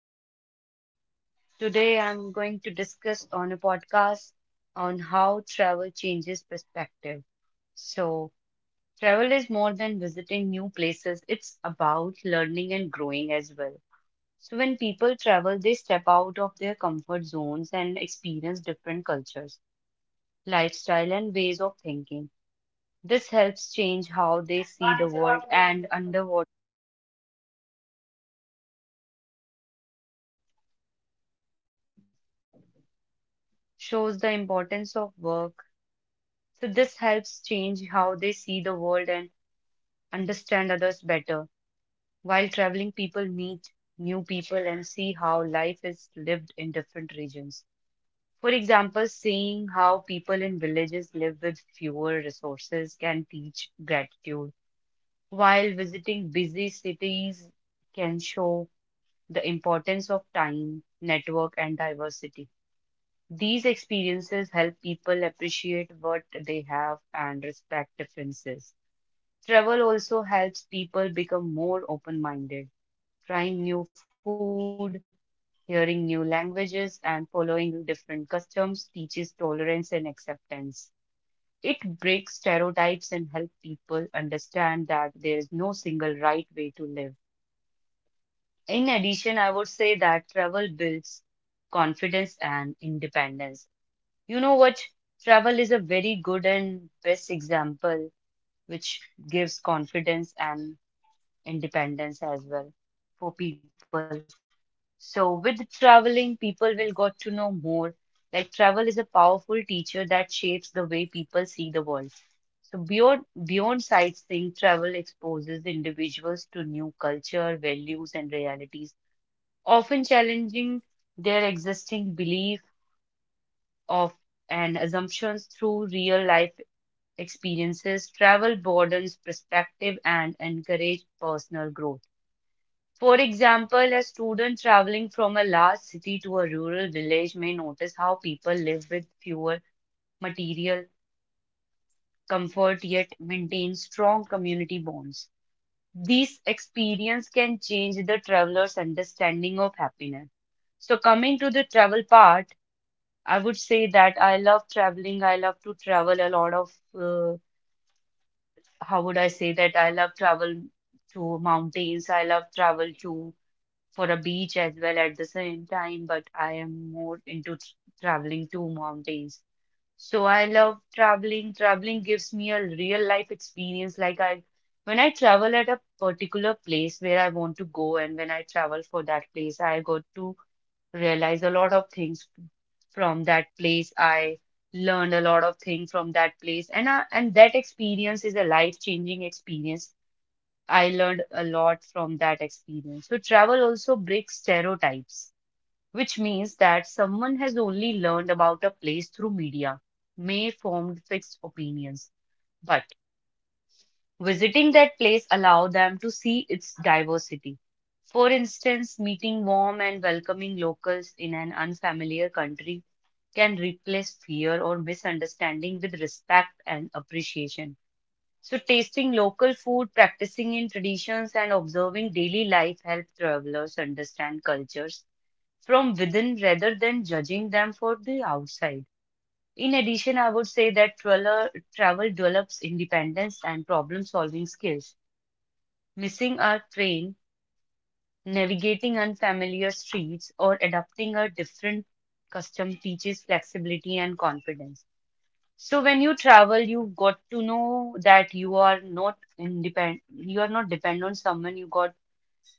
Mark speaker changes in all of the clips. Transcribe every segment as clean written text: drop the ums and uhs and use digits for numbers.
Speaker 1: So today I'm going to discuss on a podcast on how travel changes perspective. So travel is more than visiting new places. It's about learning and growing as well. So when people travel, they step out of their comfort zones and experience different cultures, lifestyle and ways of thinking. This helps change how they see the world and underworld shows the importance of work. So this helps change how they see the world and understand others better. While traveling, people meet new people and see how life is lived in different regions. For example, seeing how people in villages live with fewer resources can teach gratitude, while visiting busy cities can show the importance of time, network, and diversity. These experiences help people appreciate what they have and respect differences. Travel also helps people become more open-minded, trying new food, hearing new languages, and following different customs teaches tolerance and acceptance. It breaks stereotypes and helps people understand that there is no single right way to live. In addition, I would say that travel builds confidence and independence. You know what? Travel is a very good and best example which gives confidence and independence as well for people. So with traveling, people will got to know more. Like travel is a powerful teacher that shapes the way people see the world. So beyond sightseeing, travel exposes individuals to new culture, values, and realities, often challenging their existing belief of and assumptions through real life experiences. Travel broadens perspective and encourage personal growth. For example, a student traveling from a large city to a rural village may notice how people live with fewer material comfort yet maintain strong community bonds. These experience can change the traveler's understanding of happiness. So coming to the travel part, I would say that I love traveling. I love to travel a lot of, uh, how would I say that I love travel to mountains. I love travel to for a beach as well at the same time, but I am more into traveling to mountains. So I love traveling. Traveling gives me a real life experience. Like when I travel at a particular place where I want to go, and when I travel for that place, I got to realize a lot of things from that place. I learned a lot of things from that place, and that experience is a life-changing experience I learned a lot from that experience. So, travel also breaks stereotypes, which means that someone has only learned about a place through media, may formed fixed opinions. But visiting that place allow them to see its diversity. For instance, meeting warm and welcoming locals in an unfamiliar country can replace fear or misunderstanding with respect and appreciation. So, tasting local food, practicing in traditions, and observing daily life help travelers understand cultures from within rather than judging them for the outside. In addition, I would say that travel develops independence and problem solving skills. Missing a train, navigating unfamiliar streets, or adapting a different custom teaches flexibility and confidence. So when you travel, you've got to know that you are not independent, you are not dependent on someone. You got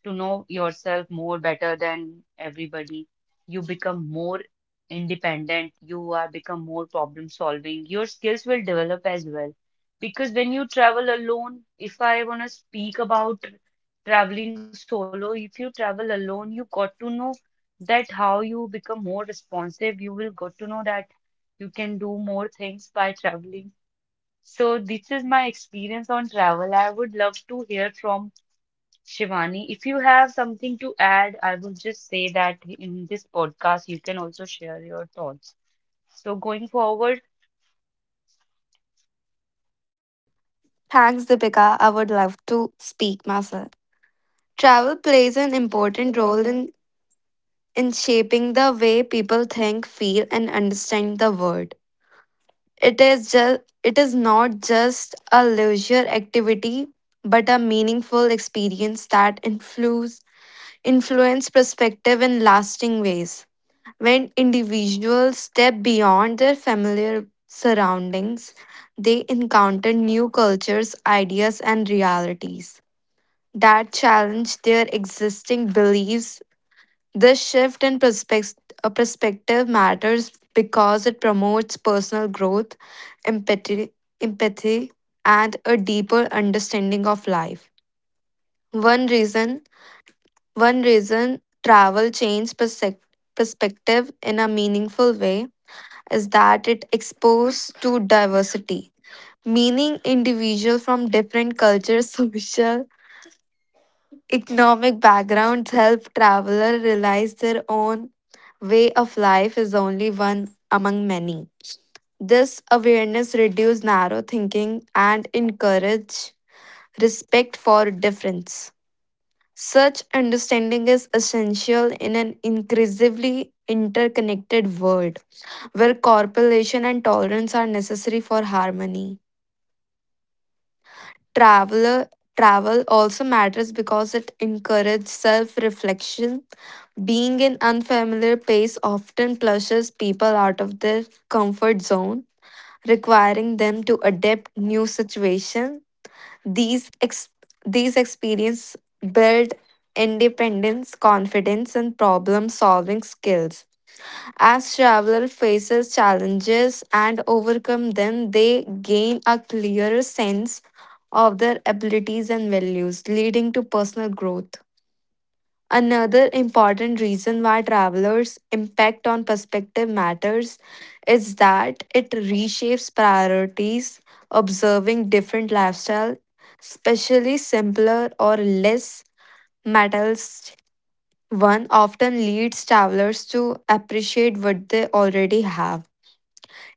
Speaker 1: to know yourself more better than everybody. You become more independent. You are become more problem solving. Your skills will develop as well. Because when you travel alone, if I want to speak about traveling solo, if you travel alone, you got to know that how you become more responsive. You will got to know that you can do more things by traveling. So this is my experience on travel. I would love to hear from Shivani, if you have something to add, I will just say that in this podcast, you can also share your thoughts. So, going forward,
Speaker 2: Thanks, Deepika. I would love to speak myself. Travel plays an important role in shaping the way people think, feel, and understand the world. It is just it is not just a leisure activity, but a meaningful experience that influence perspective in lasting ways. When individuals step beyond their familiar surroundings, they encounter new cultures, ideas, and realities that challenge their existing beliefs. This shift in perspective matters because it promotes personal growth, empathy, empathy, and a deeper understanding of life. One reason, one reason travel changed perspective in a meaningful way is that it exposed to diversity, meaning individuals from different cultures, social economic backgrounds help travelers realize their own way of life is only one among many. This awareness reduces narrow thinking and encourage respect for difference. Such understanding is essential in an increasingly interconnected world where cooperation and tolerance are necessary for harmony. Traveler travel also matters because it encourages self-reflection. Being in unfamiliar place often pushes people out of their comfort zone, requiring them to adapt new situation. These ex- these experience build independence, confidence, and problem solving skills. As traveler faces challenges and overcome them, they gain a clearer sense of their abilities and values, leading to personal growth. Another important reason why travelers' impact on perspective matters is that it reshapes priorities, observing different lifestyle, especially simpler or less metals one often leads travelers to appreciate what they already have.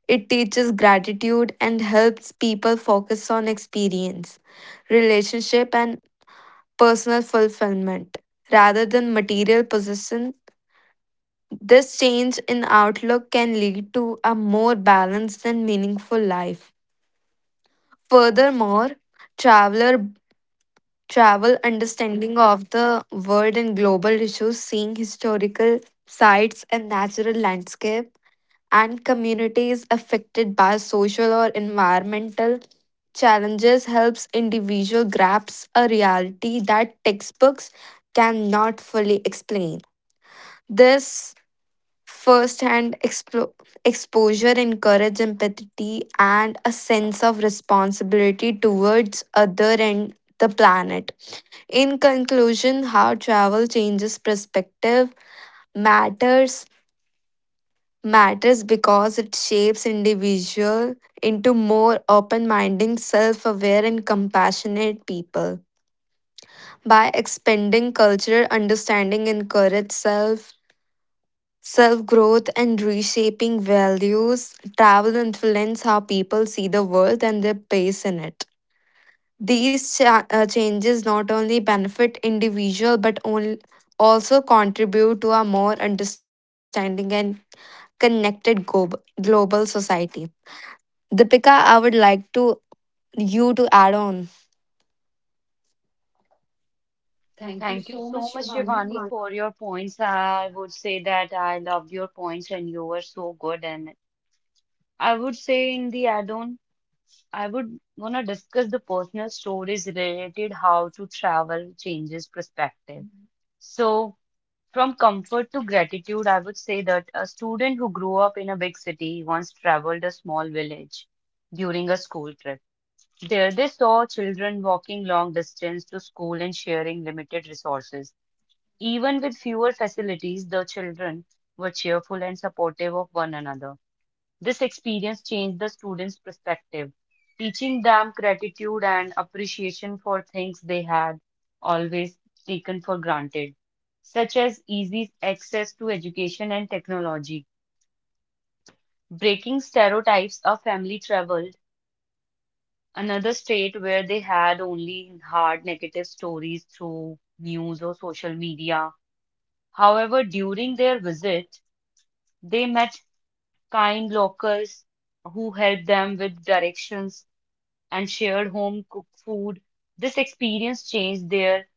Speaker 2: It teaches gratitude and helps people focus on experience, relationship and personal fulfillment rather than material possession. This change in outlook can lead to a more balanced and meaningful life. Furthermore, traveler travel understanding of the world and global issues, seeing historical sites and natural landscape, and communities affected by social or environmental challenges helps individual grasp a reality that textbooks cannot fully explain. This first hand explo exposure encourages empathy and a sense of responsibility towards other and the planet. In conclusion, how travel changes perspective matters matters because it shapes individual into more open-minded, self-aware and compassionate people. By expanding cultural understanding encourages self growth and reshaping values, travel influence how people see the world and their place in it. These changes not only benefit individual but only also contribute to a more understanding and connected global society. Deepika, I would like to you to add on.
Speaker 1: thank you so much, Shivani, for your points. I would say that I loved your points and you were so good. And I would say in the add-on, I would want to discuss the personal stories related how to travel changes perspective. So, from comfort to gratitude, I would say that a student who grew up in a big city once traveled a small village during a school trip. There, they saw children walking long distance to school and sharing limited resources. Even with fewer facilities, the children were cheerful and supportive of one another. This experience changed the students' perspective, teaching them gratitude and appreciation for things they had always taken for granted, such as easy access to education and technology. Breaking stereotypes, a family traveled another state where they had only hard negative stories through news or social media. However, during their visit, they met kind locals who helped them with directions and shared home cooked food. This experience changed their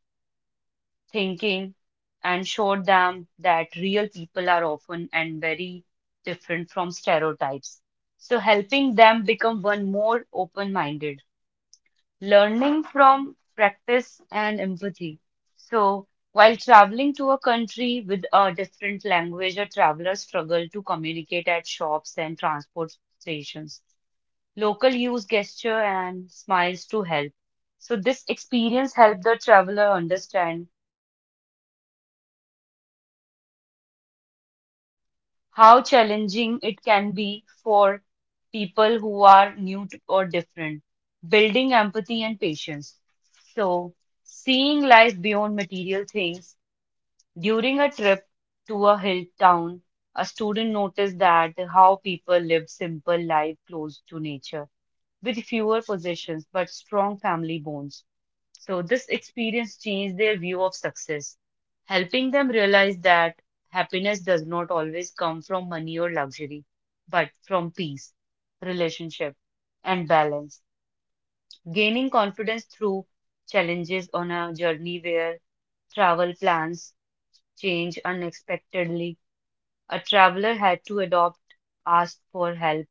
Speaker 1: thinking and showed them that real people are often and very different from stereotypes. So, helping them become one more open minded. Learning from practice and empathy. So, while traveling to a country with a different language, a traveler struggle to communicate at shops and transport stations. Local use gesture and smiles to help. So this experience helped the traveler understand how challenging it can be for people who are new or different, building empathy and patience. So seeing life beyond material things. During a trip to a hill town, a student noticed that how people lived simple life close to nature, with fewer possessions but strong family bonds. So this experience changed their view of success, helping them realize that happiness does not always come from money or luxury, but from peace, relationship, and balance. Gaining confidence through challenges on a journey where travel plans change unexpectedly. A traveler had to adopt, ask for help,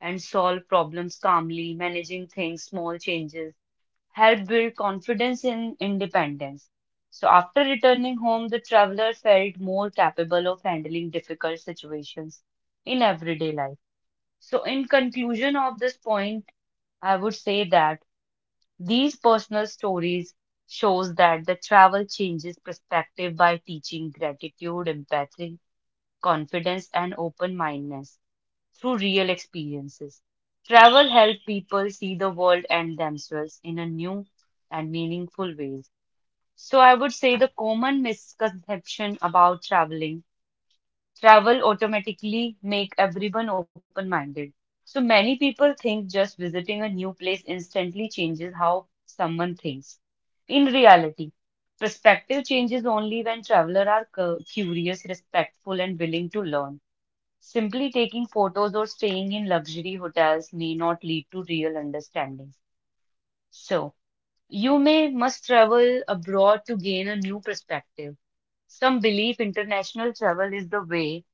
Speaker 1: and solve problems calmly, managing things, small changes, help build confidence in independence. So, after returning home, the traveler felt more capable of handling difficult situations in everyday life. So, in conclusion of this point, I would say that these personal stories shows that the travel changes perspective by teaching gratitude, empathy, confidence, and open-mindedness through real experiences. Travel helps people see the world and themselves in a new and meaningful ways. So I would say the common misconception about traveling, travel automatically make everyone open-minded. So many people think just visiting a new place instantly changes how someone thinks. In reality, perspective changes only when travelers are curious, respectful, and willing to learn. Simply taking photos or staying in luxury hotels may not lead to real understanding. So, you may must travel abroad to gain a new perspective. Some believe international travel is the way,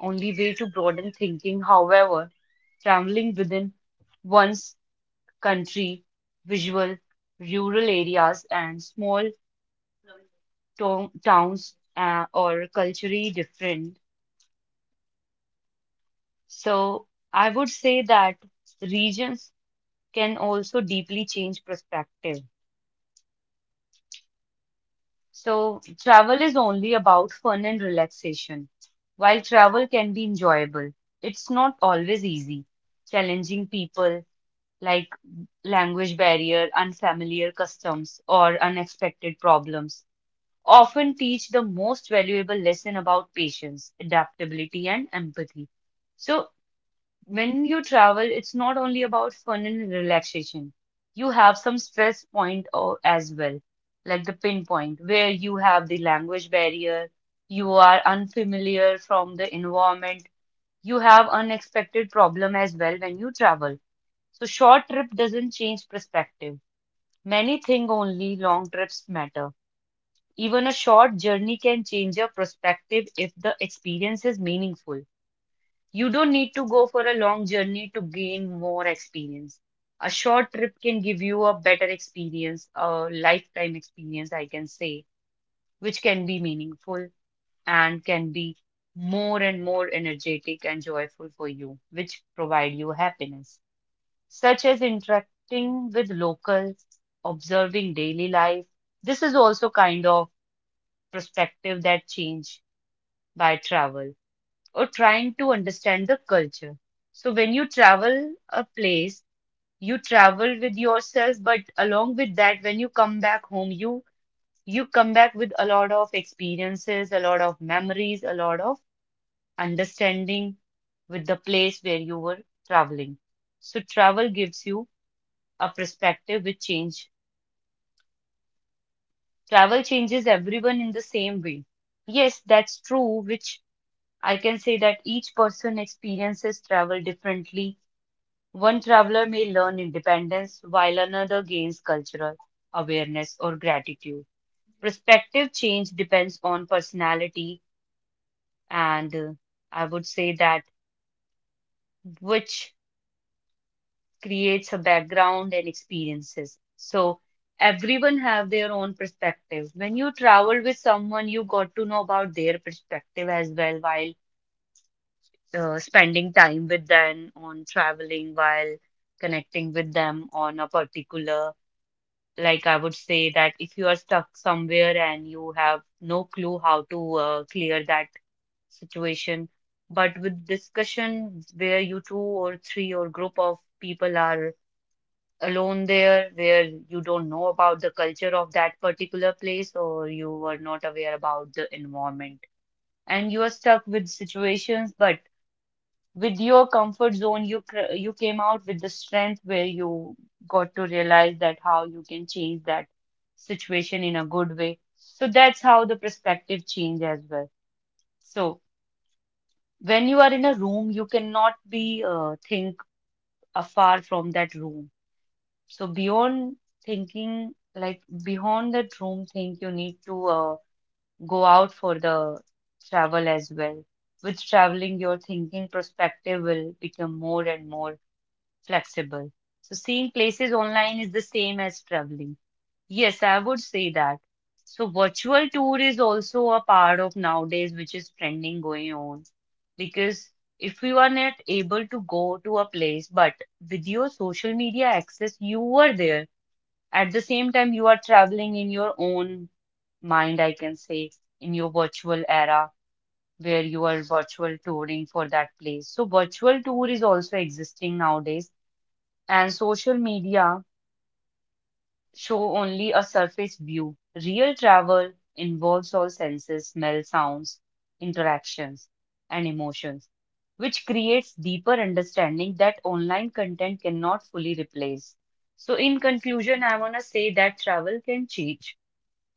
Speaker 1: only way to broaden thinking. However, traveling within one's country, visual, rural areas, and small to towns or culturally different. So I would say that regions can also deeply change perspective. So travel is only about fun and relaxation. While travel can be enjoyable, it's not always easy. Challenging people, like language barrier, unfamiliar customs, or unexpected problems, often teach the most valuable lesson about patience, adaptability, and empathy. So, when you travel, it's not only about fun and relaxation. You have some stress point as well, like the pinpoint, where you have the language barrier, you are unfamiliar from the environment, you have unexpected problem as well when you travel so short trip doesn't change perspective. Many think only long trips matter. Even a short journey can change your perspective if the experience is meaningful. You don't need to go for a long journey to gain more experience. A short trip can give you a better experience, a lifetime experience, I can say, which can be meaningful and can be more and more energetic and joyful for you, which provide you happiness such as interacting with locals, observing daily life. This is also kind of perspective that change by travel or trying to understand the culture. So when you travel a place, you travel with yourself, but along with that, when you come back home, you come back with a lot of experiences, a lot of memories, a lot of understanding with the place where you were traveling. So travel gives you a perspective which change. Travel changes everyone in the same way. Yes, that's true, which I can say that each person experiences travel differently. One traveler may learn independence, while another gains cultural awareness or gratitude. Perspective change depends on personality, and I would say that which creates a background and experiences. So everyone have their own perspective. When you travel with someone, you got to know about their perspective as well while spending time with them on traveling, while connecting with them on a particular. Like I would say that if you are stuck somewhere and you have no clue how to clear that situation, but with discussion where you two or three or group of people are alone there where you don't know about the culture of that particular place or you were not aware about the environment and you are stuck with situations but with your comfort zone you you came out with the strength where you got to realize that how you can change that situation in a good way. So that's how the perspective change as well. So when you are in a room, you cannot be think afar from that room. So beyond thinking, like beyond that room thing, you need to go out for the travel as well. With traveling, your thinking perspective will become more and more flexible. So seeing places online is the same as traveling. Yes, I would say that. So virtual tour is also a part of nowadays, which is trending going on. Because if you are not able to go to a place, but with your social media access, you were there at the same time, you are traveling in your own mind, I can say, in your virtual era where you are virtual touring for that place. So, virtual tour is also existing nowadays, and social media show only a surface view. Real travel involves all senses, smell, sounds, interactions, and emotions, which creates deeper understanding that online content cannot fully replace. So, in conclusion, I want to say that travel can change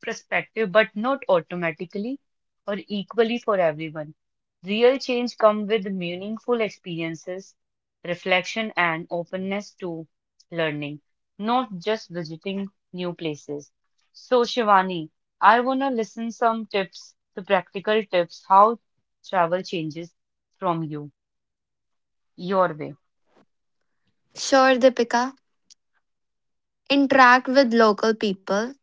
Speaker 1: perspective, but not automatically or equally for everyone. Real change comes with meaningful experiences, reflection, and openness to learning, not just visiting new places. So, Shivani, I want to listen some tips, the practical tips, how travel changes from you, your way.
Speaker 2: Sure, Deepika. Interact with local people,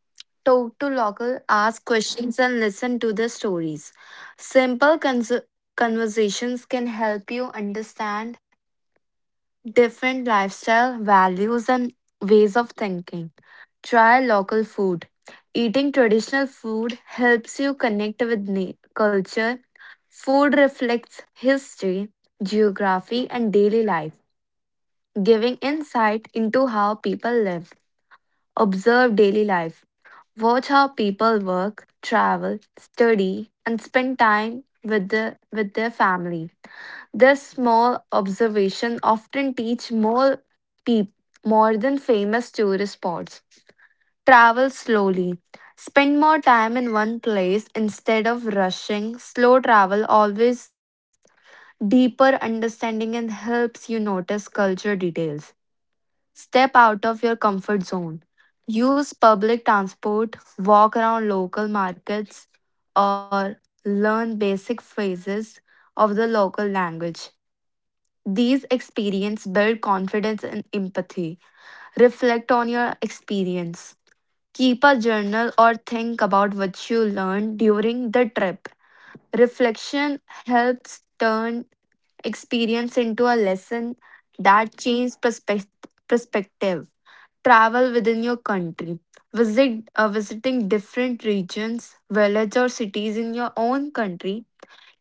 Speaker 2: talk to local, ask questions, and listen to the stories. Simple conversations can help you understand different lifestyle, values, and ways of thinking. Try local food. Eating traditional food helps you connect with culture. Food reflects history, geography, and daily life, giving insight into how people live. Observe daily life. Watch how people work, travel, study, and spend time with their family. This small observation often teach more people more than famous tourist spots. Travel slowly. Spend more time in one place instead of rushing. Slow travel always deeper understanding and helps you notice culture details. Step out of your comfort zone. Use public transport, walk around local markets, or learn basic phrases of the local language. These experiences build confidence and empathy. Reflect on your experience. Keep a journal or think about what you learned during the trip. Reflection helps turn experience into a lesson that changes perspective travel within your country visit visiting different regions villages, or cities in your own country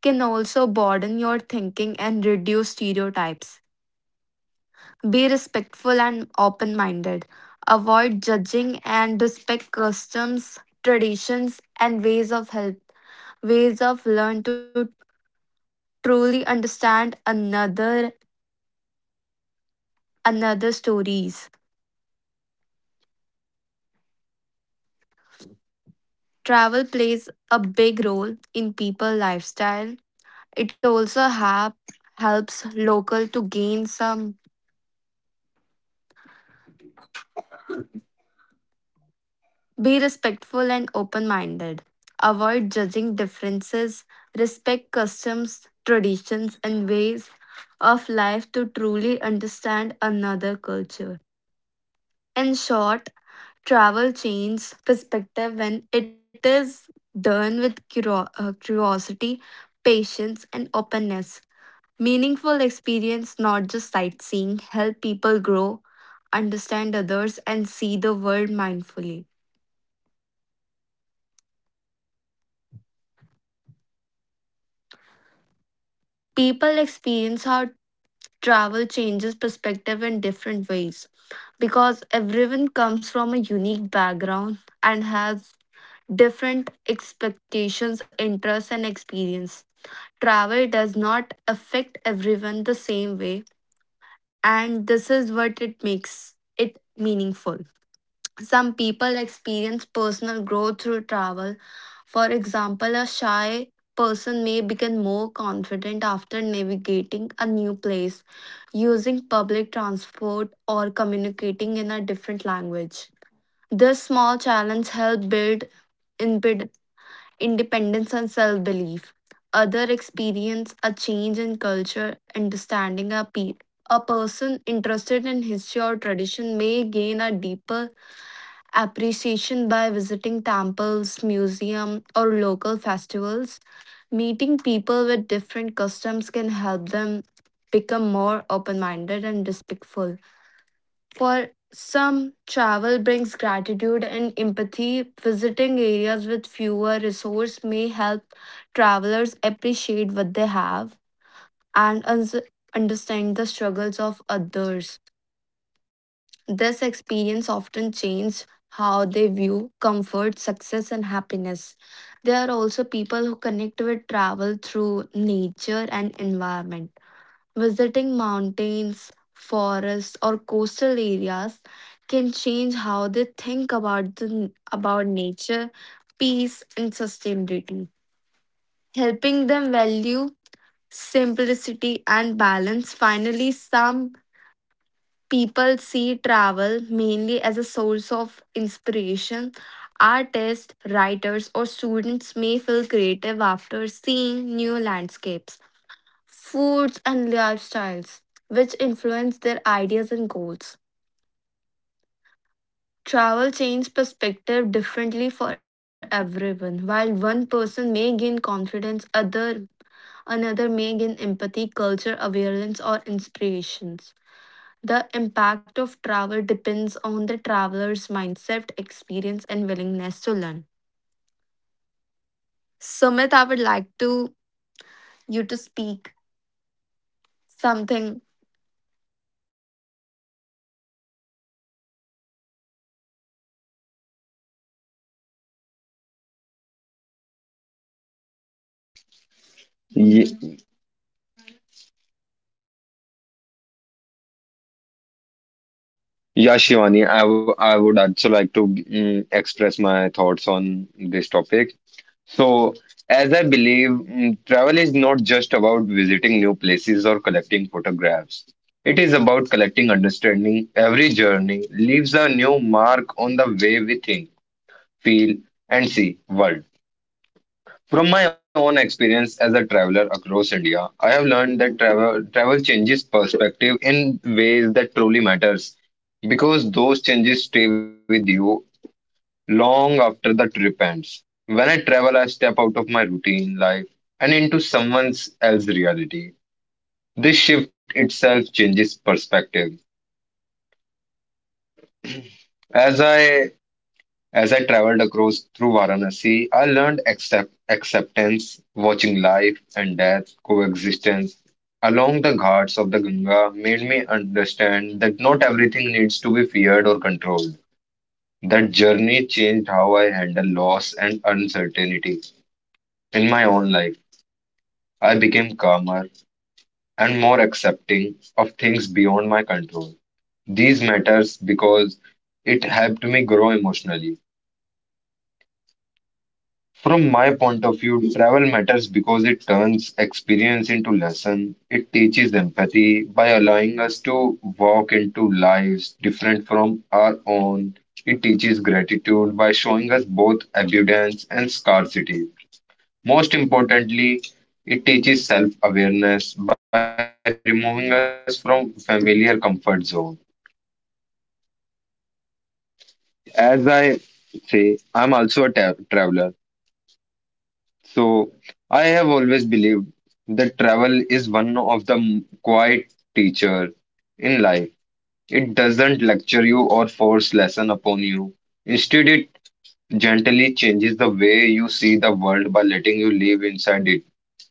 Speaker 2: can also broaden your thinking and reduce stereotypes be respectful and open minded avoid judging and respect customs traditions and ways of help ways of learn to truly understand another stories travel plays a big role in people lifestyle. It also helps local to gain some be respectful and open-minded. Avoid judging differences, respect customs, traditions and ways of life to truly understand another culture. In short, travel changes perspective when it is done with curiosity, patience and openness. Meaningful experience, not just sightseeing, help people grow, understand others, and see the world mindfully. People experience how travel changes perspective in different ways because everyone comes from a unique background and has different expectations, interests, and experience. Travel does not affect everyone the same way, and this is what it makes it meaningful. Some people experience personal growth through travel. For example, a shy person may become more confident after navigating a new place, using public transport, or communicating in a different language. This small challenge helps build imped- independence and self belief. Other experience a change in culture, understanding a a person interested in history or tradition may gain a deeper appreciation by visiting temples, museum, or local festivals. Meeting people with different customs can help them become more open-minded and respectful. For some, travel brings gratitude and empathy. Visiting areas with fewer resources may help travelers appreciate what they have and understand the struggles of others. This experience often changes how they view comfort, success, and happiness. There are also people who connect with travel through nature and environment. Visiting mountains, forests, or coastal areas can change how they think about about nature, peace, and sustainability, helping them value simplicity and balance. Finally, some people see travel mainly as a source of inspiration. Artists, writers, or students may feel creative after seeing new landscapes, foods, and lifestyles, which influence their ideas and goals. Travel changes perspective differently for everyone. While one person may gain confidence, other another may gain empathy, culture, awareness, or inspirations. The impact of travel depends on the traveler's mindset, experience, and willingness to learn. Sumit, I would like to you to speak something
Speaker 3: Ye- Yeah, Shivani, I would also like to express my thoughts on this topic. So, as I believe, travel is not just about visiting new places or collecting photographs. It is about collecting understanding. Every journey leaves a new mark on the way we think, feel, and see world. From my own experience as a traveler across India, I have learned that travel changes perspective in ways that truly matters because those changes stay with you long after the trip ends. When I travel, I step out of my routine life and into someone else's reality. This shift itself changes perspective. As I As I traveled across through Varanasi, I learned acceptance, watching life and death, coexistence along the ghats of the Ganga made me understand that not everything needs to be feared or controlled. That journey changed how I handle loss and uncertainty in my own life. I became calmer and more accepting of things beyond my control. These matters because it helped me grow emotionally. From my point of view, travel matters because it turns experience into lesson. It teaches empathy by allowing us to walk into lives different from our own. It teaches gratitude by showing us both abundance and scarcity. Most importantly, it teaches self-awareness by removing us from familiar comfort zone. As I say, I'm also a traveler. So, I have always believed that travel is one of the quiet teacher in life. It doesn't lecture you or force lesson upon you. Instead, it gently changes the way you see the world by letting you live inside it.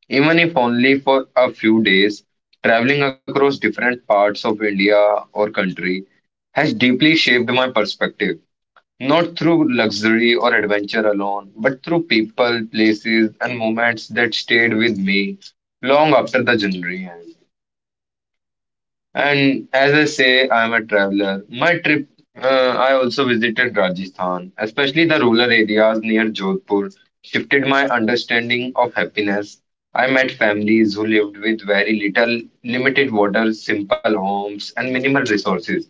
Speaker 3: Even if only for a few days, traveling across different parts of India or country has deeply shaped my perspective. Not through luxury or adventure alone, but through people, places, and moments that stayed with me long after the journey end. And as I say, I am a traveler. My trip, uh, I also visited Rajasthan, especially the rural areas near Jodhpur, shifted my understanding of happiness. I met families who lived with very little, limited water, simple homes, and minimal resources.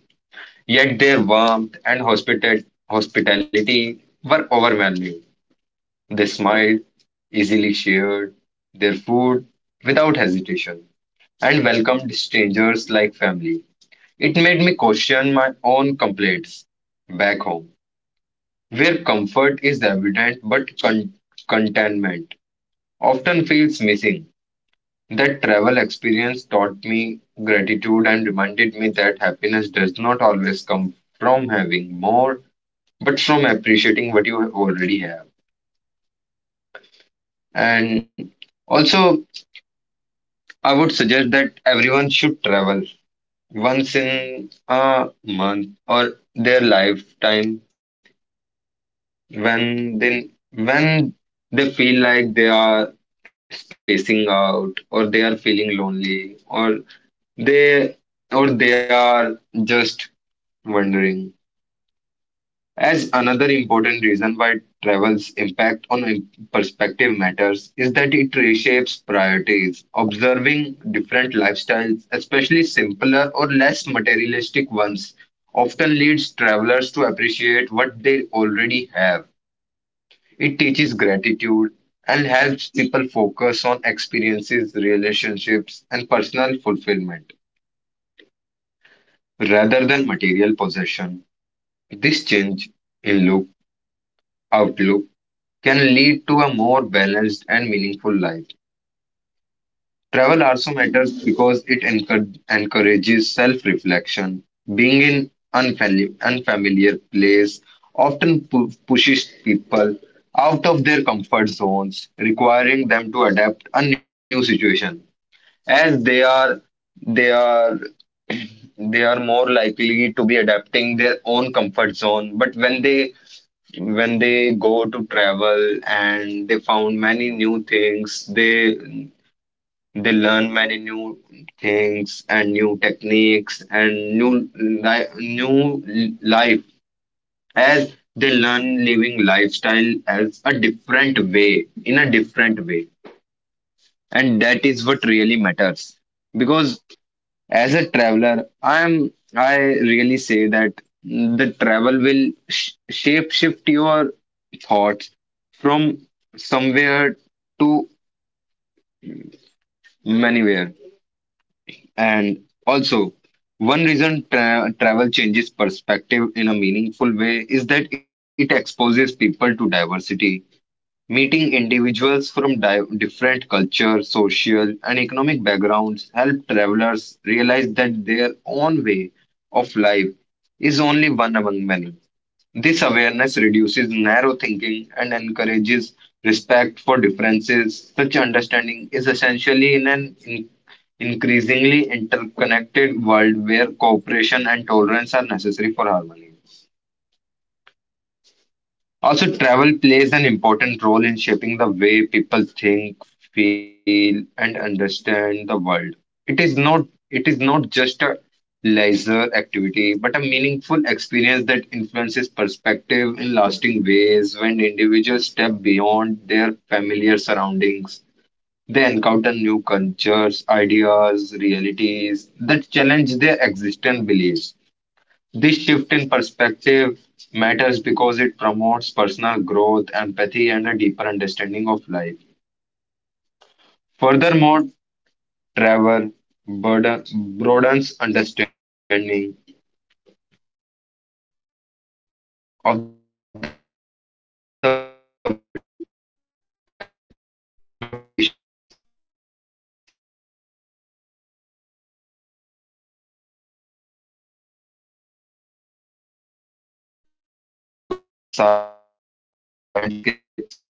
Speaker 3: Yet their warmth and hospitality were overwhelming. They smiled, easily shared their food without hesitation, and welcomed strangers like family. It made me question my own complaints back home, where comfort is evident but contentment often feels missing. That travel experience taught me gratitude and reminded me that happiness does not always come from having more but from appreciating what you already have. And also, I would suggest that everyone should travel once in a month or their lifetime when they feel like they are spacing out or they are feeling lonely or they they are just wondering. As another important reason why travel's impact on perspective matters is that it reshapes priorities. Observing different lifestyles, especially simpler or less materialistic ones, often leads travelers to appreciate what they already have. It teaches gratitude and helps people focus on experiences, relationships, and personal fulfillment rather than material possession. This change in look, outlook can lead to a more balanced and meaningful life. Travel also matters because it encourages self reflection. Being in unfamiliar place often pushes people out of their comfort zones, requiring them to adapt a new situation. As they are, they are they are more likely to be adapting their own comfort zone, but when they go to travel and they found many new things, they learn many new things and new techniques and new life, as they learn living lifestyle as a different way in a different way, and that is what really matters because as a traveler, I really say that the travel will shape shift your thoughts from somewhere to manywhere. And also, one reason travel changes perspective in a meaningful way is that it exposes people to diversity. Meeting individuals from different culture, social, and economic backgrounds help travelers realize that their own way of life is only one among many. This awareness reduces narrow thinking and encourages respect for differences. Such understanding is essentially in an increasingly interconnected world where cooperation and tolerance are necessary for harmony. Also, travel plays an important role in shaping the way people think, feel, and understand the world. It is not it is not just a leisure activity, but a meaningful experience that influences perspective in lasting ways. When individuals step beyond their familiar surroundings, they encounter new cultures, ideas, realities that challenge their existing beliefs. This shift in perspective matters because it promotes personal growth, empathy, and a deeper understanding of life. Furthermore, travel burden, broadens understanding of the world and global issues, seeing historical sites and natural landscapes,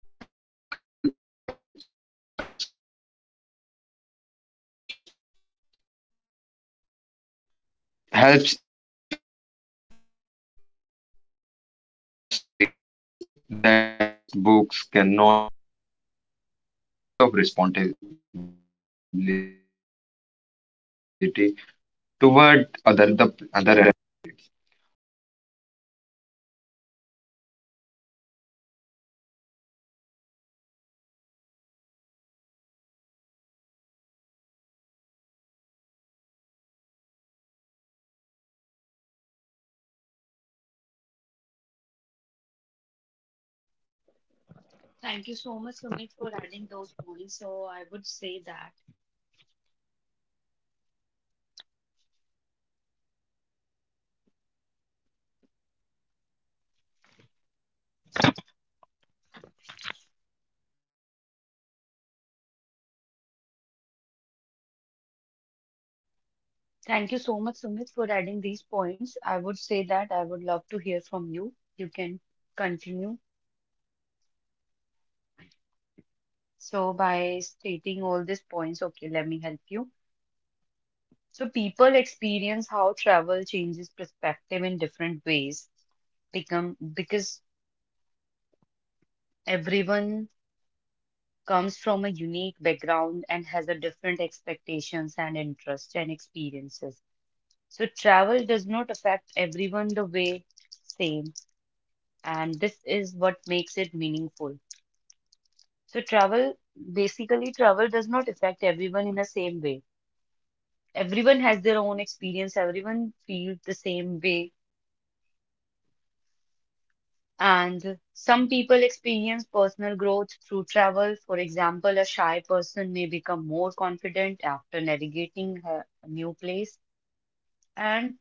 Speaker 3: and communities affected by social or environmental change helps individuals grasp realities that textbooks cannot fully explain. This first-hand exposure encourages empathy and a sense of responsibility toward other the other. How
Speaker 1: Thank you so much, Sumit, for adding these points. I would say that I would love to hear from you. You can continue. So, by stating all these points, okay, let me help you. So, people experience how travel changes perspective in different ways become because everyone comes from a unique background and has a different expectations and interests and experiences. So travel does not affect everyone the way same, and this is what makes it meaningful. So travel basically travel does not affect everyone in the same way. Everyone has their own experience, everyone feels the same way. And some people experience personal growth through travel. For example, a shy person may become more confident after navigating a new place. And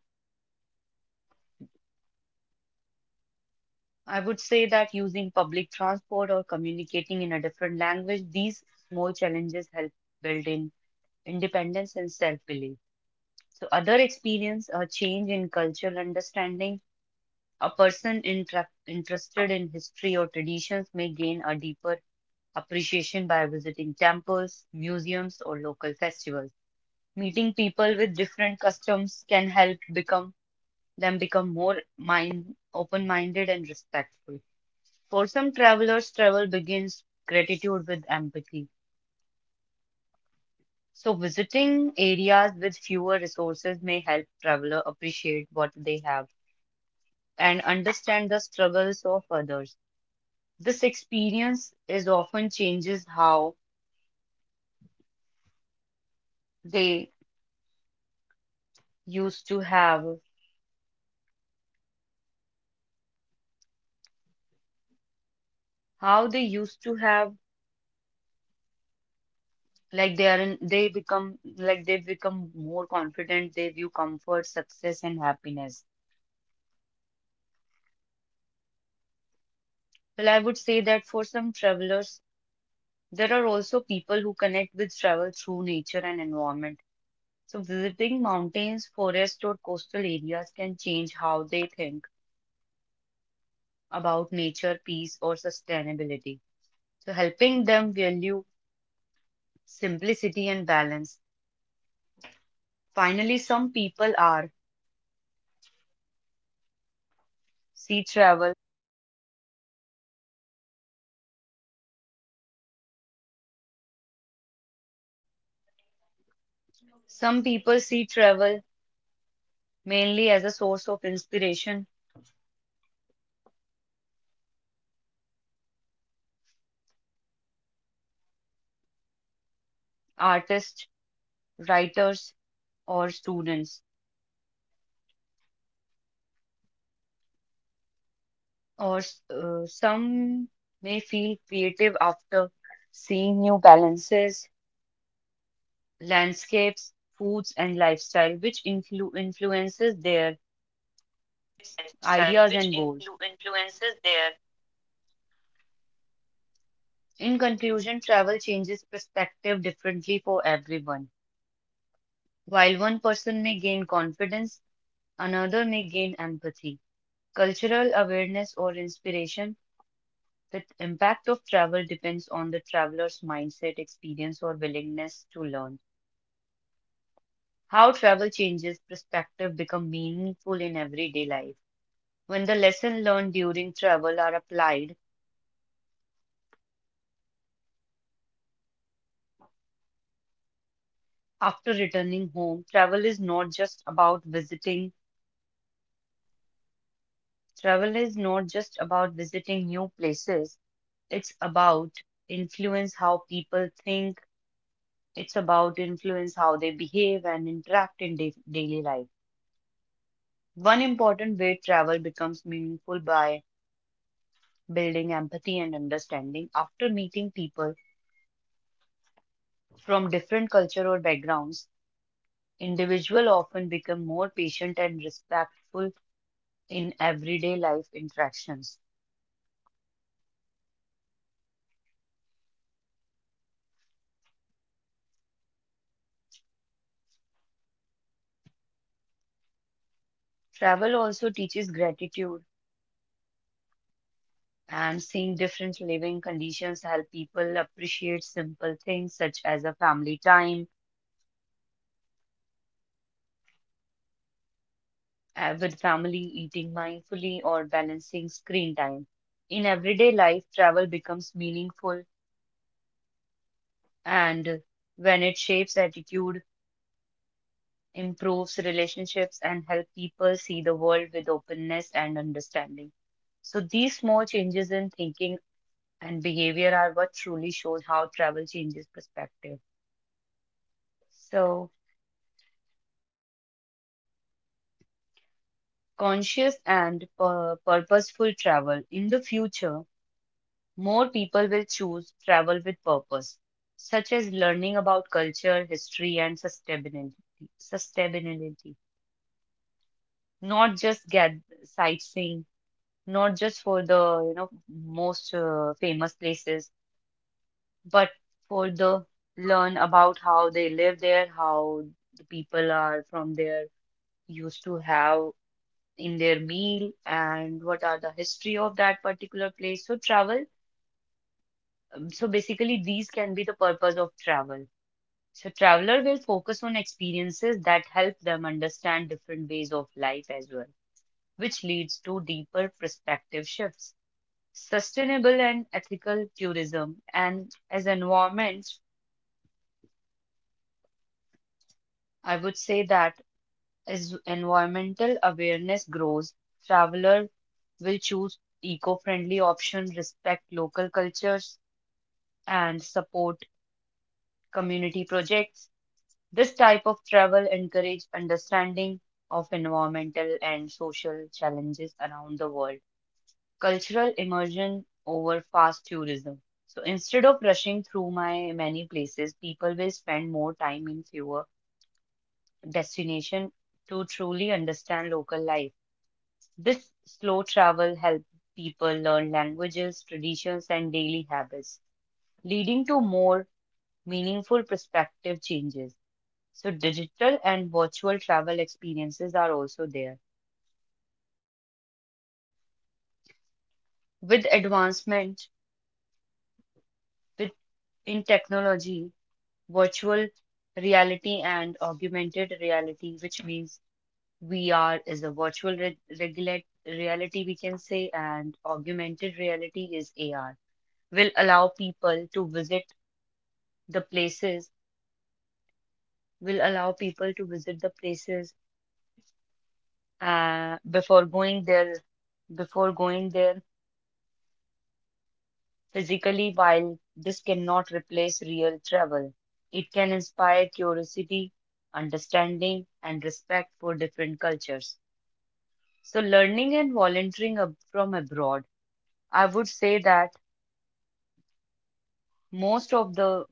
Speaker 1: I would say that using public transport or communicating in a different language, these small challenges help build in independence and self-belief. So, other experience a change in cultural understanding. A person interested in history or traditions may gain a deeper appreciation by visiting temples, museums, or local festivals. Meeting people with different customs can help become them become more mind open-minded and respectful. For some travelers, travel begins gratitude with empathy. So visiting areas with fewer resources may help traveler appreciate what they have and understand the struggles of others. This experience is often changes how they used to have, how they used to have, like they are in, they become, like they become more confident, they view comfort, success, and happiness. Well, I would say that for some travelers, there are also people who connect with travel through nature and environment. So visiting mountains, forests, or coastal areas can change how they think about nature, peace, or sustainability. So helping them value simplicity and balance. Finally, some people are sea travel. Some people see travel mainly as a source of inspiration, artists, writers, or students. Or some may feel creative after seeing new balances, landscapes, foods, and lifestyle, which influences their ideas and goals. In conclusion, travel changes perspective differently for everyone. While one person may gain confidence, another may gain empathy, cultural awareness, or inspiration. The impact of travel depends on the traveler's mindset, experience, or willingness to learn. How travel changes perspective become meaningful in everyday life. When the lessons learned during travel are applied after returning home, travel is not just about visiting. Travel is not just about visiting new places. It's about influence how people think, it's about influence how they behave and interact in daily life. One important way travel becomes meaningful by building empathy and understanding. After meeting people from different culture or backgrounds, individual often become more patient and respectful in everyday life interactions. Travel also teaches gratitude and seeing different living conditions help people appreciate simple things such as a family time with family, eating mindfully, or balancing screen time. In everyday life, travel becomes meaningful, and when it shapes attitude, improves relationships, and help people see the world with openness and understanding. So these small changes in thinking and behavior are what truly shows how travel changes perspective. So conscious and purposeful travel in the future more people will choose travel with purpose, such as learning about culture, history, and sustainability. Sustainability, not just get sightseeing, not just for the you know most famous places, but for the learn about how they live there, how the people are from there used to have in their meal and what are the history of that particular place so travel so basically these can be the purpose of travel. So traveler will focus on experiences that help them understand different ways of life as well, which leads to deeper perspective shifts. Sustainable and ethical tourism and as environment, I would say that as environmental awareness grows, traveler will choose eco-friendly options, respect local cultures, and support community projects. This type of travel encourages understanding of environmental and social challenges around the world. Cultural immersion over fast tourism. So instead of rushing through my many places, people will spend more time in fewer destinations to truly understand local life. This slow travel helps people learn languages, traditions, and daily habits, leading to more meaningful perspective changes. So digital and virtual travel experiences are also there. With advancement with in technology, virtual reality and augmented reality, which means VR is a virtual re regulate reality we can say, and augmented reality is AR, will allow people to visit the places, will allow people to visit the places uh, before going there, before going there physically, while this cannot replace real travel. It can inspire curiosity, understanding, and respect for different cultures. So, learning and volunteering from abroad, I would say that most of the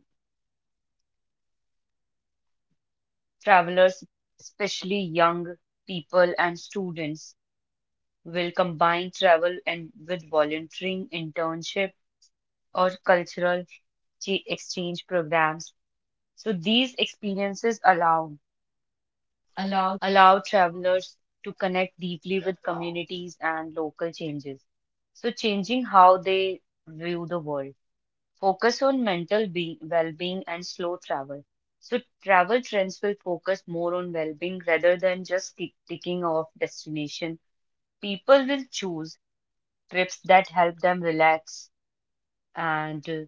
Speaker 1: travelers, especially young people and students, will combine travel and with volunteering, internship, or cultural exchange programs. So these experiences
Speaker 2: allowed.
Speaker 1: allow travelers to connect deeply with communities and local changes. So, changing how they view the world. Focus on mental well being and slow travel. So, travel trends will focus more on well being rather than just ticking off destination. People will choose trips that help them relax and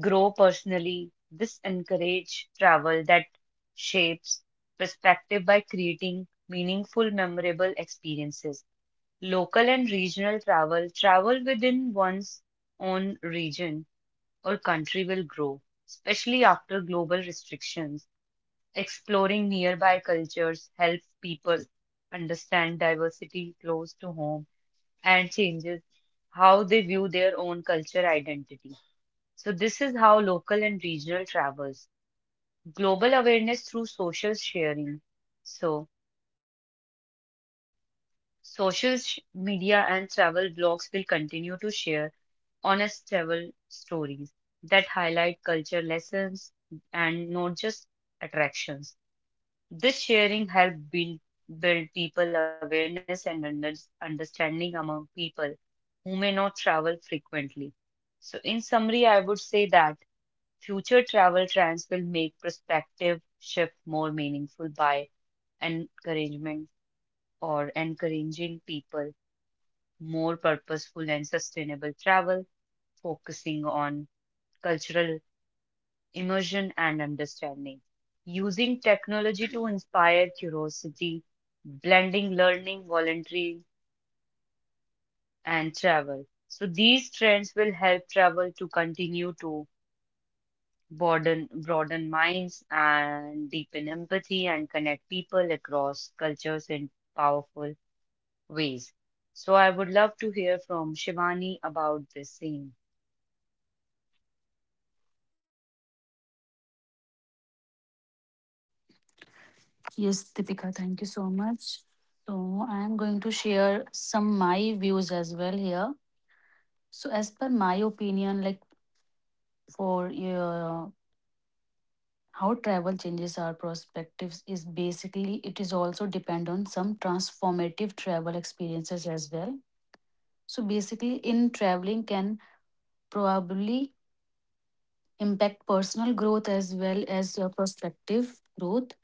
Speaker 1: grow personally. This encourage travel that shapes perspective by creating meaningful, memorable experiences. Local and regional travel, travel within one's own region or country will grow, especially after global restrictions. Exploring nearby cultures helps people understand diversity close to home and changes how they view their own culture identity. So, this is how local and regional travels. Global awareness through social sharing. So, social media and travel blogs will continue to share honest travel stories that highlight culture lessons and not just attractions. This sharing help build, build people awareness and understanding among people who may not travel frequently. So, in summary, I would say that future travel trends will make prospective shift more meaningful by encouragement or encouraging people more purposeful and sustainable travel, focusing on cultural immersion and understanding. Using technology to inspire curiosity, blending learning, volunteering, and travel. So, these trends will help travel to continue to broaden, broaden minds and deepen empathy and connect people across cultures in powerful ways. So I would love to hear from Shivani about this scene.
Speaker 2: Yes, Deepika, thank you so much. So, I am going to share some my views as well here. So, as per my opinion, like for how travel changes our perspectives is basically it is also depend on some transformative travel experiences as well. So, basically, in traveling can probably impact personal growth as well as your perspective growth.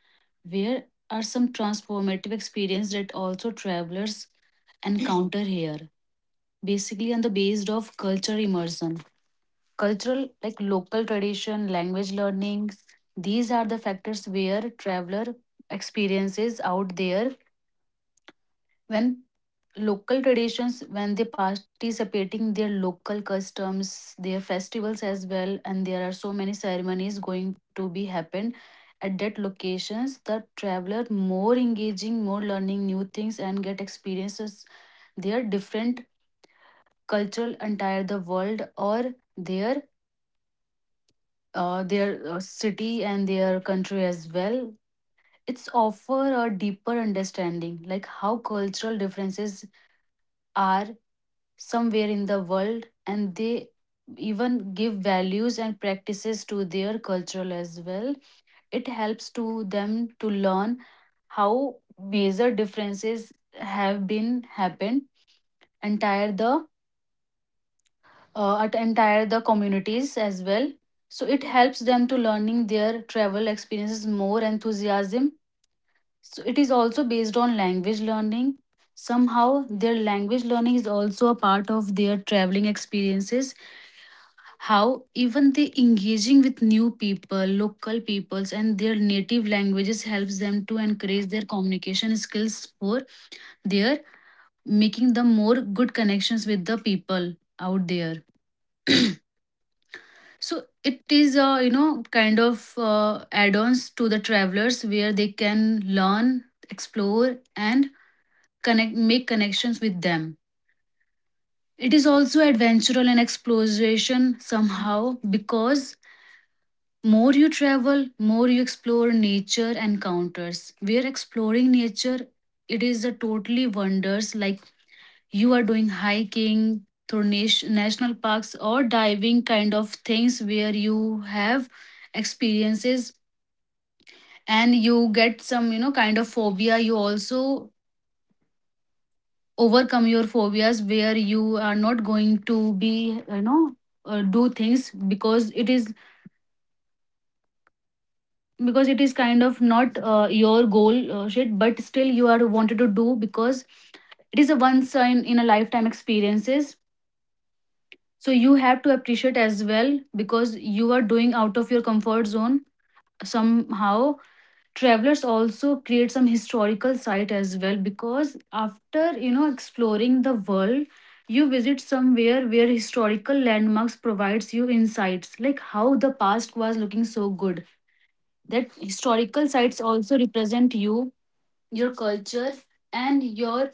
Speaker 2: Where are some transformative experience that also travelers encounter here? Basically, on the based of culture immersion, cultural like local tradition, language learnings. These are the factors where traveler experiences out there when local traditions when they participating their local customs their festivals as well and there are so many ceremonies going to be happen at that locations the traveler more engaging more learning new things and get experiences their different cultural entire the world or their their city and their country as well it's offer a deeper understanding like how cultural differences are somewhere in the world and they even give values and practices to their cultural as well it helps to them to learn how major differences have been happened entire the at entire the communities as well so it helps them to learning their travel experiences more enthusiasm so it is also based on language learning somehow their language learning is also a part of their traveling experiences how even the engaging with new people local peoples and their native languages helps them to encourage their communication skills for their making them more good connections with the people out there so it is you know kind of add-ons to the travelers where they can learn explore and connect make connections with them it is also adventural and exploration somehow because more you travel, more you explore nature and counters. We are exploring nature. It is a totally wonders like you are doing hiking through national parks or diving kind of things where you have experiences and you get some you know kind of phobia. You also overcome your phobias where you are not going to be you know do things because it is kind of not your goal shit but still you are wanted to do because it is a once in a lifetime experiences so you have to appreciate as well because you are doing out of your comfort zone somehow travelers also create some historical site as well because after you know exploring the world you visit somewhere where historical landmarks provides you insights like how the past was looking so good that historical sites also represent you your culture and your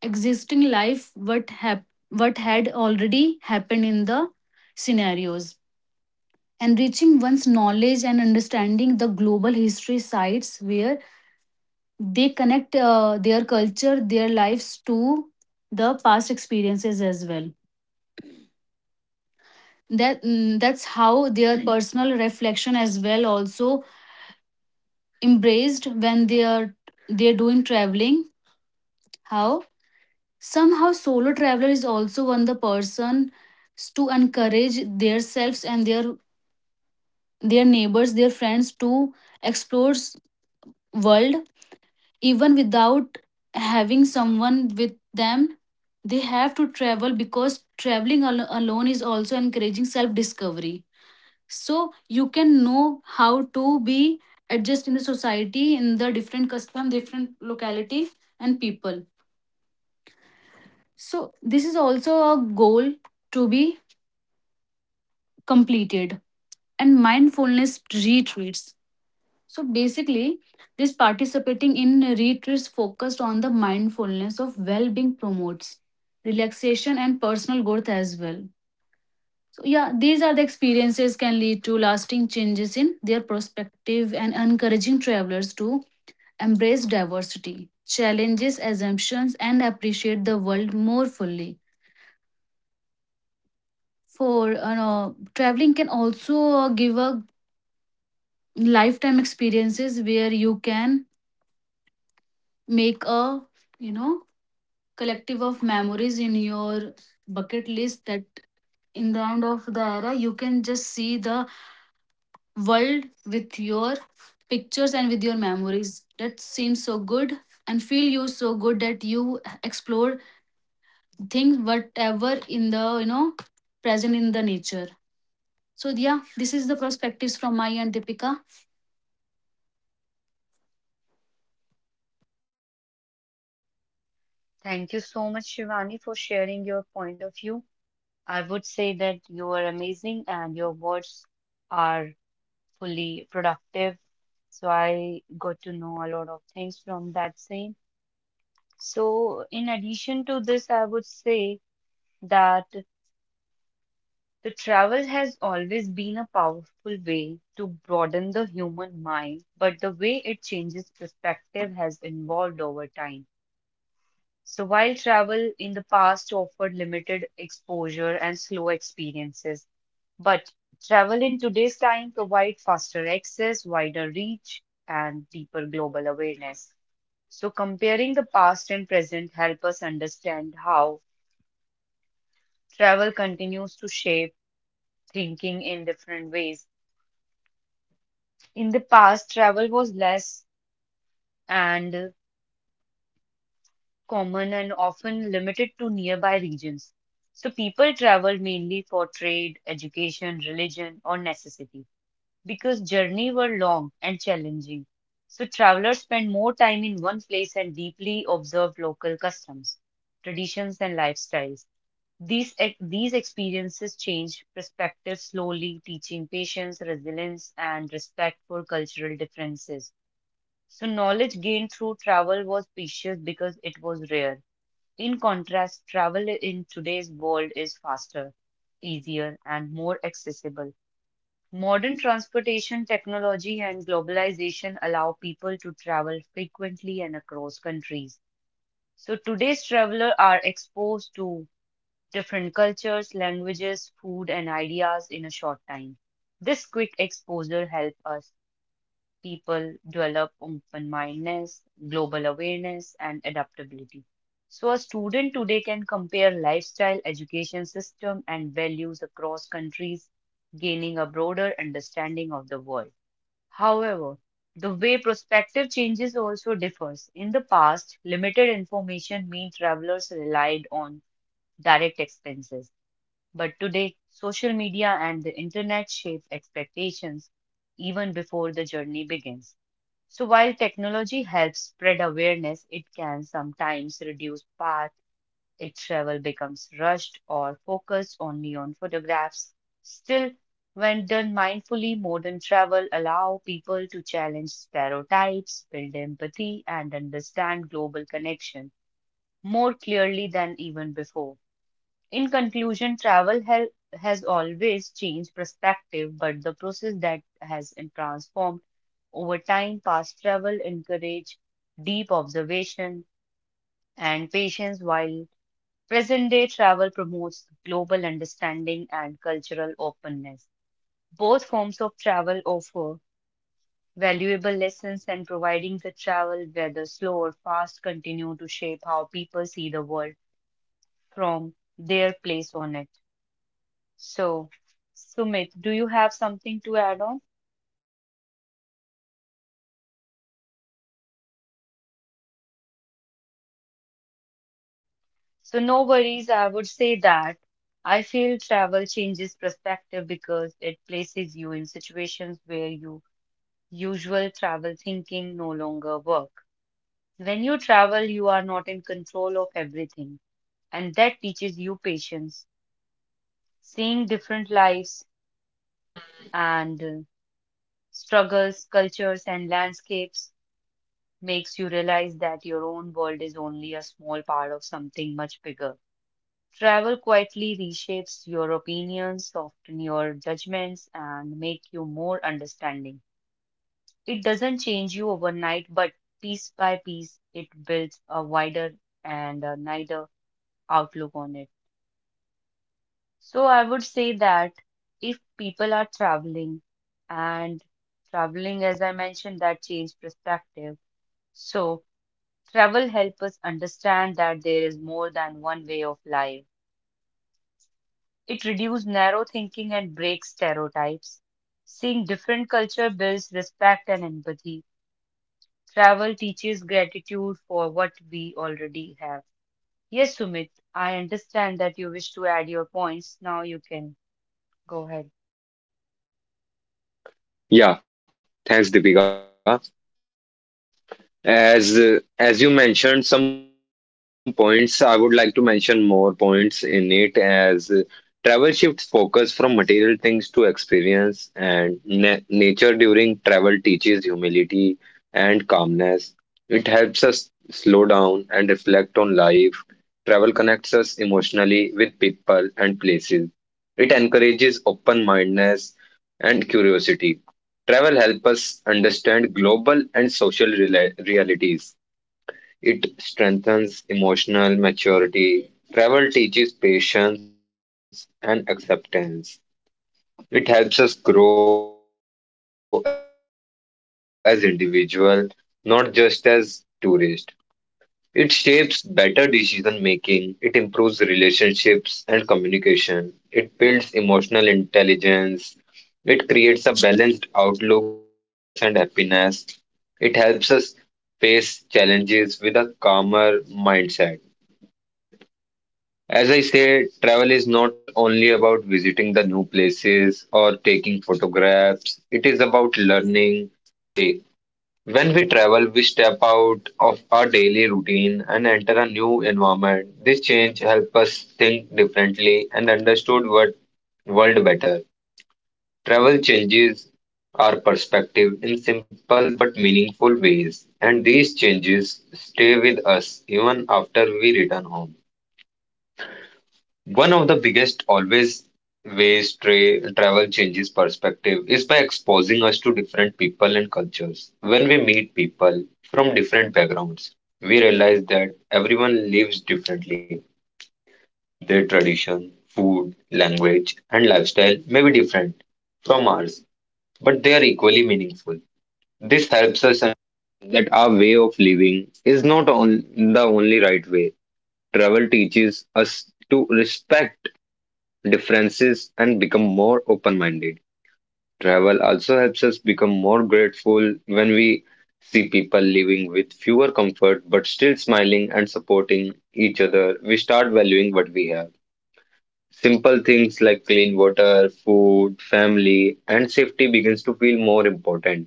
Speaker 2: existing life what had already happened in the scenarios enriching one's knowledge and understanding the global history sites where they connect their culture their lives to the past experiences as well that that's how their Right. personal reflection as well also embraced when they are they're doing traveling how somehow, solo traveler is also one the person to encourage themselves and their neighbors, their friends to explore world even without having someone with them. They have to travel because traveling alone is also encouraging self discovery. So you can know how to be adjust in the society in the different custom, different locality and people. So this is also a goal to be completed, and mindfulness retreats. So basically, this participating in retreats focused on the mindfulness of well-being promotes relaxation and personal growth as well. So yeah, these are the experiences can lead to lasting changes in their perspective and encouraging travelers to embrace diversity, challenges, assumptions, and appreciate the world more fully. For you know, traveling can also give a lifetime experiences where you can make a you know collective of memories in your bucket list that in the end of the era you can just see the world with your pictures and with your memories that seems so good and feel you so good that you explore things whatever in the you know present in the nature so yeah this is the perspectives from my and Deepika.
Speaker 1: Thank you so much, Shivani, for sharing your point of view. I would say that you are amazing and your words are fully productive. So I got to know a lot of things from that scene. So in addition to this, I would say that the travel has always been a powerful way to broaden the human mind, but the way it changes perspective has evolved over time. So, while travel in the past offered limited exposure and slow experiences, but travel in today's time provides faster access, wider reach, and deeper global awareness. So, comparing the past and present help us understand how travel continues to shape thinking in different ways. In the past, travel was less and common and often limited to nearby regions. So people traveled mainly for trade, education, religion, or necessity because journey were long and challenging. So travelers spent more time in one place and deeply observed local customs, traditions, and lifestyles. These, these experiences change perspectives slowly, teaching patience, resilience, and respect for cultural differences. So, knowledge gained through travel was precious because it was rare. In contrast, travel in today's world is faster, easier, and more accessible. Modern transportation technology and globalization allow people to travel frequently and across countries. So, today's travelers are exposed to different cultures, languages, food, and ideas in a short time. This quick exposure helps us people develop open mindedness, global awareness, and adaptability. So, a student today can compare lifestyle, education system, and values across countries, gaining a broader understanding of the world. However, the way prospective changes also differs. In the past, limited information meant travelers relied on direct expenses. But today, social media and the internet shape expectations even before the journey begins. So while technology helps spread awareness, it can sometimes reduce path if travel becomes rushed or focused only on photographs. Still, when done mindfully, modern travel allow people to challenge stereotypes, build empathy, and understand global connection more clearly than even before. In conclusion, travel has always changed perspective, but the process that has transformed over time. Past travel encourage deep observation and patience, while present-day travel promotes global understanding and cultural openness. Both forms of travel offer valuable lessons, and providing the travel, whether slow or fast, continue to shape how people see the world from their place on it. So, Sumit, do you have something to add on? So, no worries. I would say that I feel travel changes perspective because it places you in situations where your usual travel thinking no longer work. When you travel, you are not in control of everything, and that teaches you patience. Seeing different lives and struggles, cultures, and landscapes makes you realize that your own world is only a small part of something much bigger. Travel quietly reshapes your opinions, soften your judgments, and make you more understanding. It doesn't change you overnight, but piece by piece, it builds a wider and a wider outlook on it. So I would say that if people are traveling and traveling, as I mentioned, that change perspective. So travel helps us understand that there is more than one way of life. It reduces narrow thinking and breaks stereotypes. Seeing different culture builds respect and empathy. Travel teaches gratitude for what we already have. Yes, Sumit, I understand that you wish to add your points. Now you can go ahead.
Speaker 3: Yeah, thanks, Deepika. As you mentioned some points, I would like to mention more points in it as travel shifts focus from material things to experience and na nature during travel teaches humility and calmness. It helps us slow down and reflect on life. Travel connects us emotionally with people and places. It encourages open-mindedness and curiosity. Travel helps us understand global and social realities. It strengthens emotional maturity. Travel teaches patience and acceptance. It helps us grow as individual, not just as tourists. It shapes better decision making, it improves relationships and communication, it builds emotional intelligence, it creates a balanced outlook on success and happiness, it helps us face challenges with a calmer mindset. As I say, travel is not only about visiting the new places or taking photographs, it is about learning, growing, and when we travel, we step out of our daily routine and enter a new environment. This change helps us think differently and understood what world better. Travel changes our perspective in simple but meaningful ways, and these changes stay with us even after we return home. One of the biggest always ways travel changes perspective is by exposing us to different people and cultures. When we meet people from different backgrounds, we realize that everyone lives differently. Their tradition, food, language, and lifestyle may be different from ours, but they are equally meaningful. This helps us understand that our way of living is not on the only right way. Travel teaches us to respect differences and become more open minded. Travel also helps us become more grateful when we see people living with fewer comfort but still smiling and supporting each other. We start valuing what we have. Simple things like clean water, food, family, and safety begins to feel more important.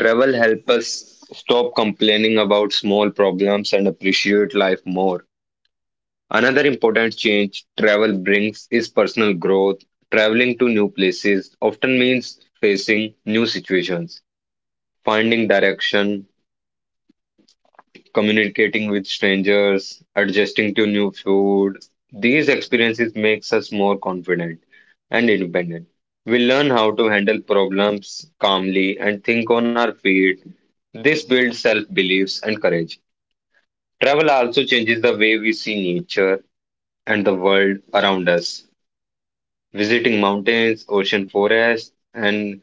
Speaker 3: Travel helps us stop complaining about small problems and appreciate life more. Another important change travel brings is personal growth. Traveling to new places often means facing new situations, finding direction, communicating with strangers, adjusting to new food. These experiences makes us more confident and independent. We learn how to handle problems calmly and think on our feet. This builds self-beliefs and courage. Travel also changes the way we see nature and the world around us. Visiting mountains, ocean forests, and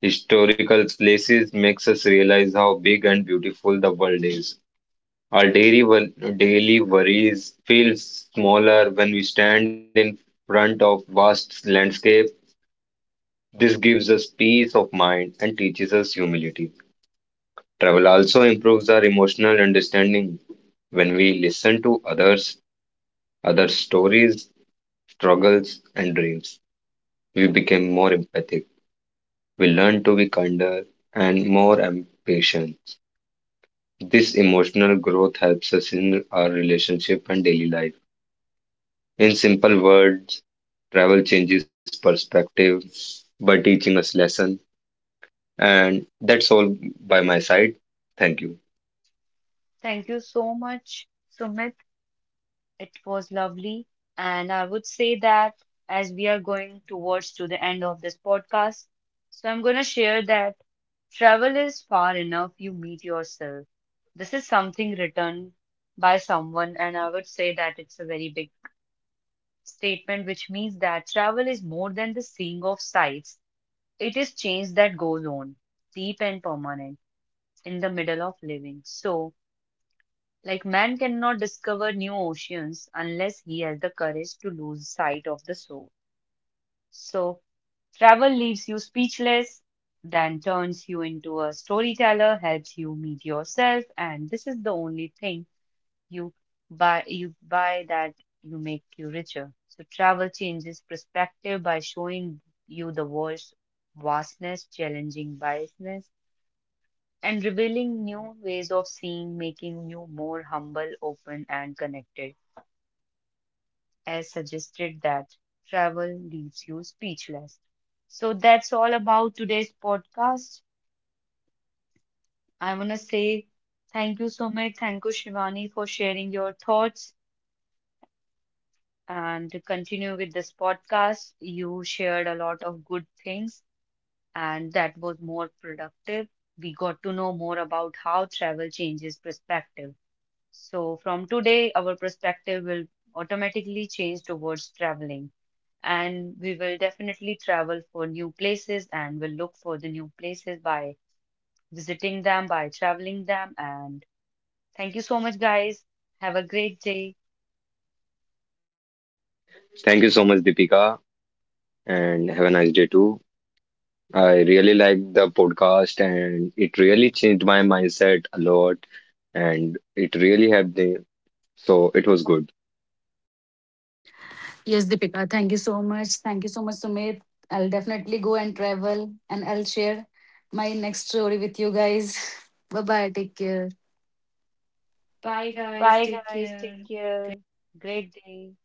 Speaker 3: historical places makes us realize how big and beautiful the world is. Our daily worries feel smaller when we stand in front of vast landscape. This gives us peace of mind and teaches us humility. Travel also improves our emotional understanding when we listen to others, other stories, struggles, and dreams. We become more empathic. We learn to be kinder and more patient. This emotional growth helps us in our relationship and daily life. In simple words, travel changes perspective by teaching us lesson. And that's all by my side. Thank you.
Speaker 1: Thank you so much, Sumit. It was lovely. And I would say that as we are going towards to the end of this podcast, so I'm going to share that travel is far enough you meet yourself. This is something written by someone, and I would say that it's a very big statement, which means that travel is more than the seeing of sights. It is change that goes on, deep and permanent, in the middle of living. So, like man cannot discover new oceans unless he has the courage to lose sight of the soul. So travel leaves you speechless, then turns you into a storyteller, helps you meet yourself, and this is the only thing you you buy that you make you richer. So travel changes perspective by showing you the world's vastness, challenging biasness, and revealing new ways of seeing, making you more humble, open, and connected. As suggested that travel leaves you speechless. So that's all about today's podcast. I want to say thank you so much. Thank you, Shivani, for sharing your thoughts and to continue with this podcast. You shared a lot of good things, and that was more productive. We got to know more about how travel changes perspective. So, from today, our perspective will automatically change towards traveling. And we will definitely travel for new places and will look for the new places by visiting them, by traveling them. And thank you so much, guys. Have a great day.
Speaker 3: Thank you so much, Deepika, and have a nice day too. I really like the podcast, and it really changed my mindset a lot, and it really helped me. So it was good.
Speaker 2: Yes, Deepika, thank you so much. Thank you so much, Sumit. I'll definitely go and travel and I'll share my next story with you guys. Bye bye. Take care. Bye, guys.
Speaker 1: Bye,
Speaker 2: Take
Speaker 1: guys. Take
Speaker 2: care.
Speaker 1: care. Great day.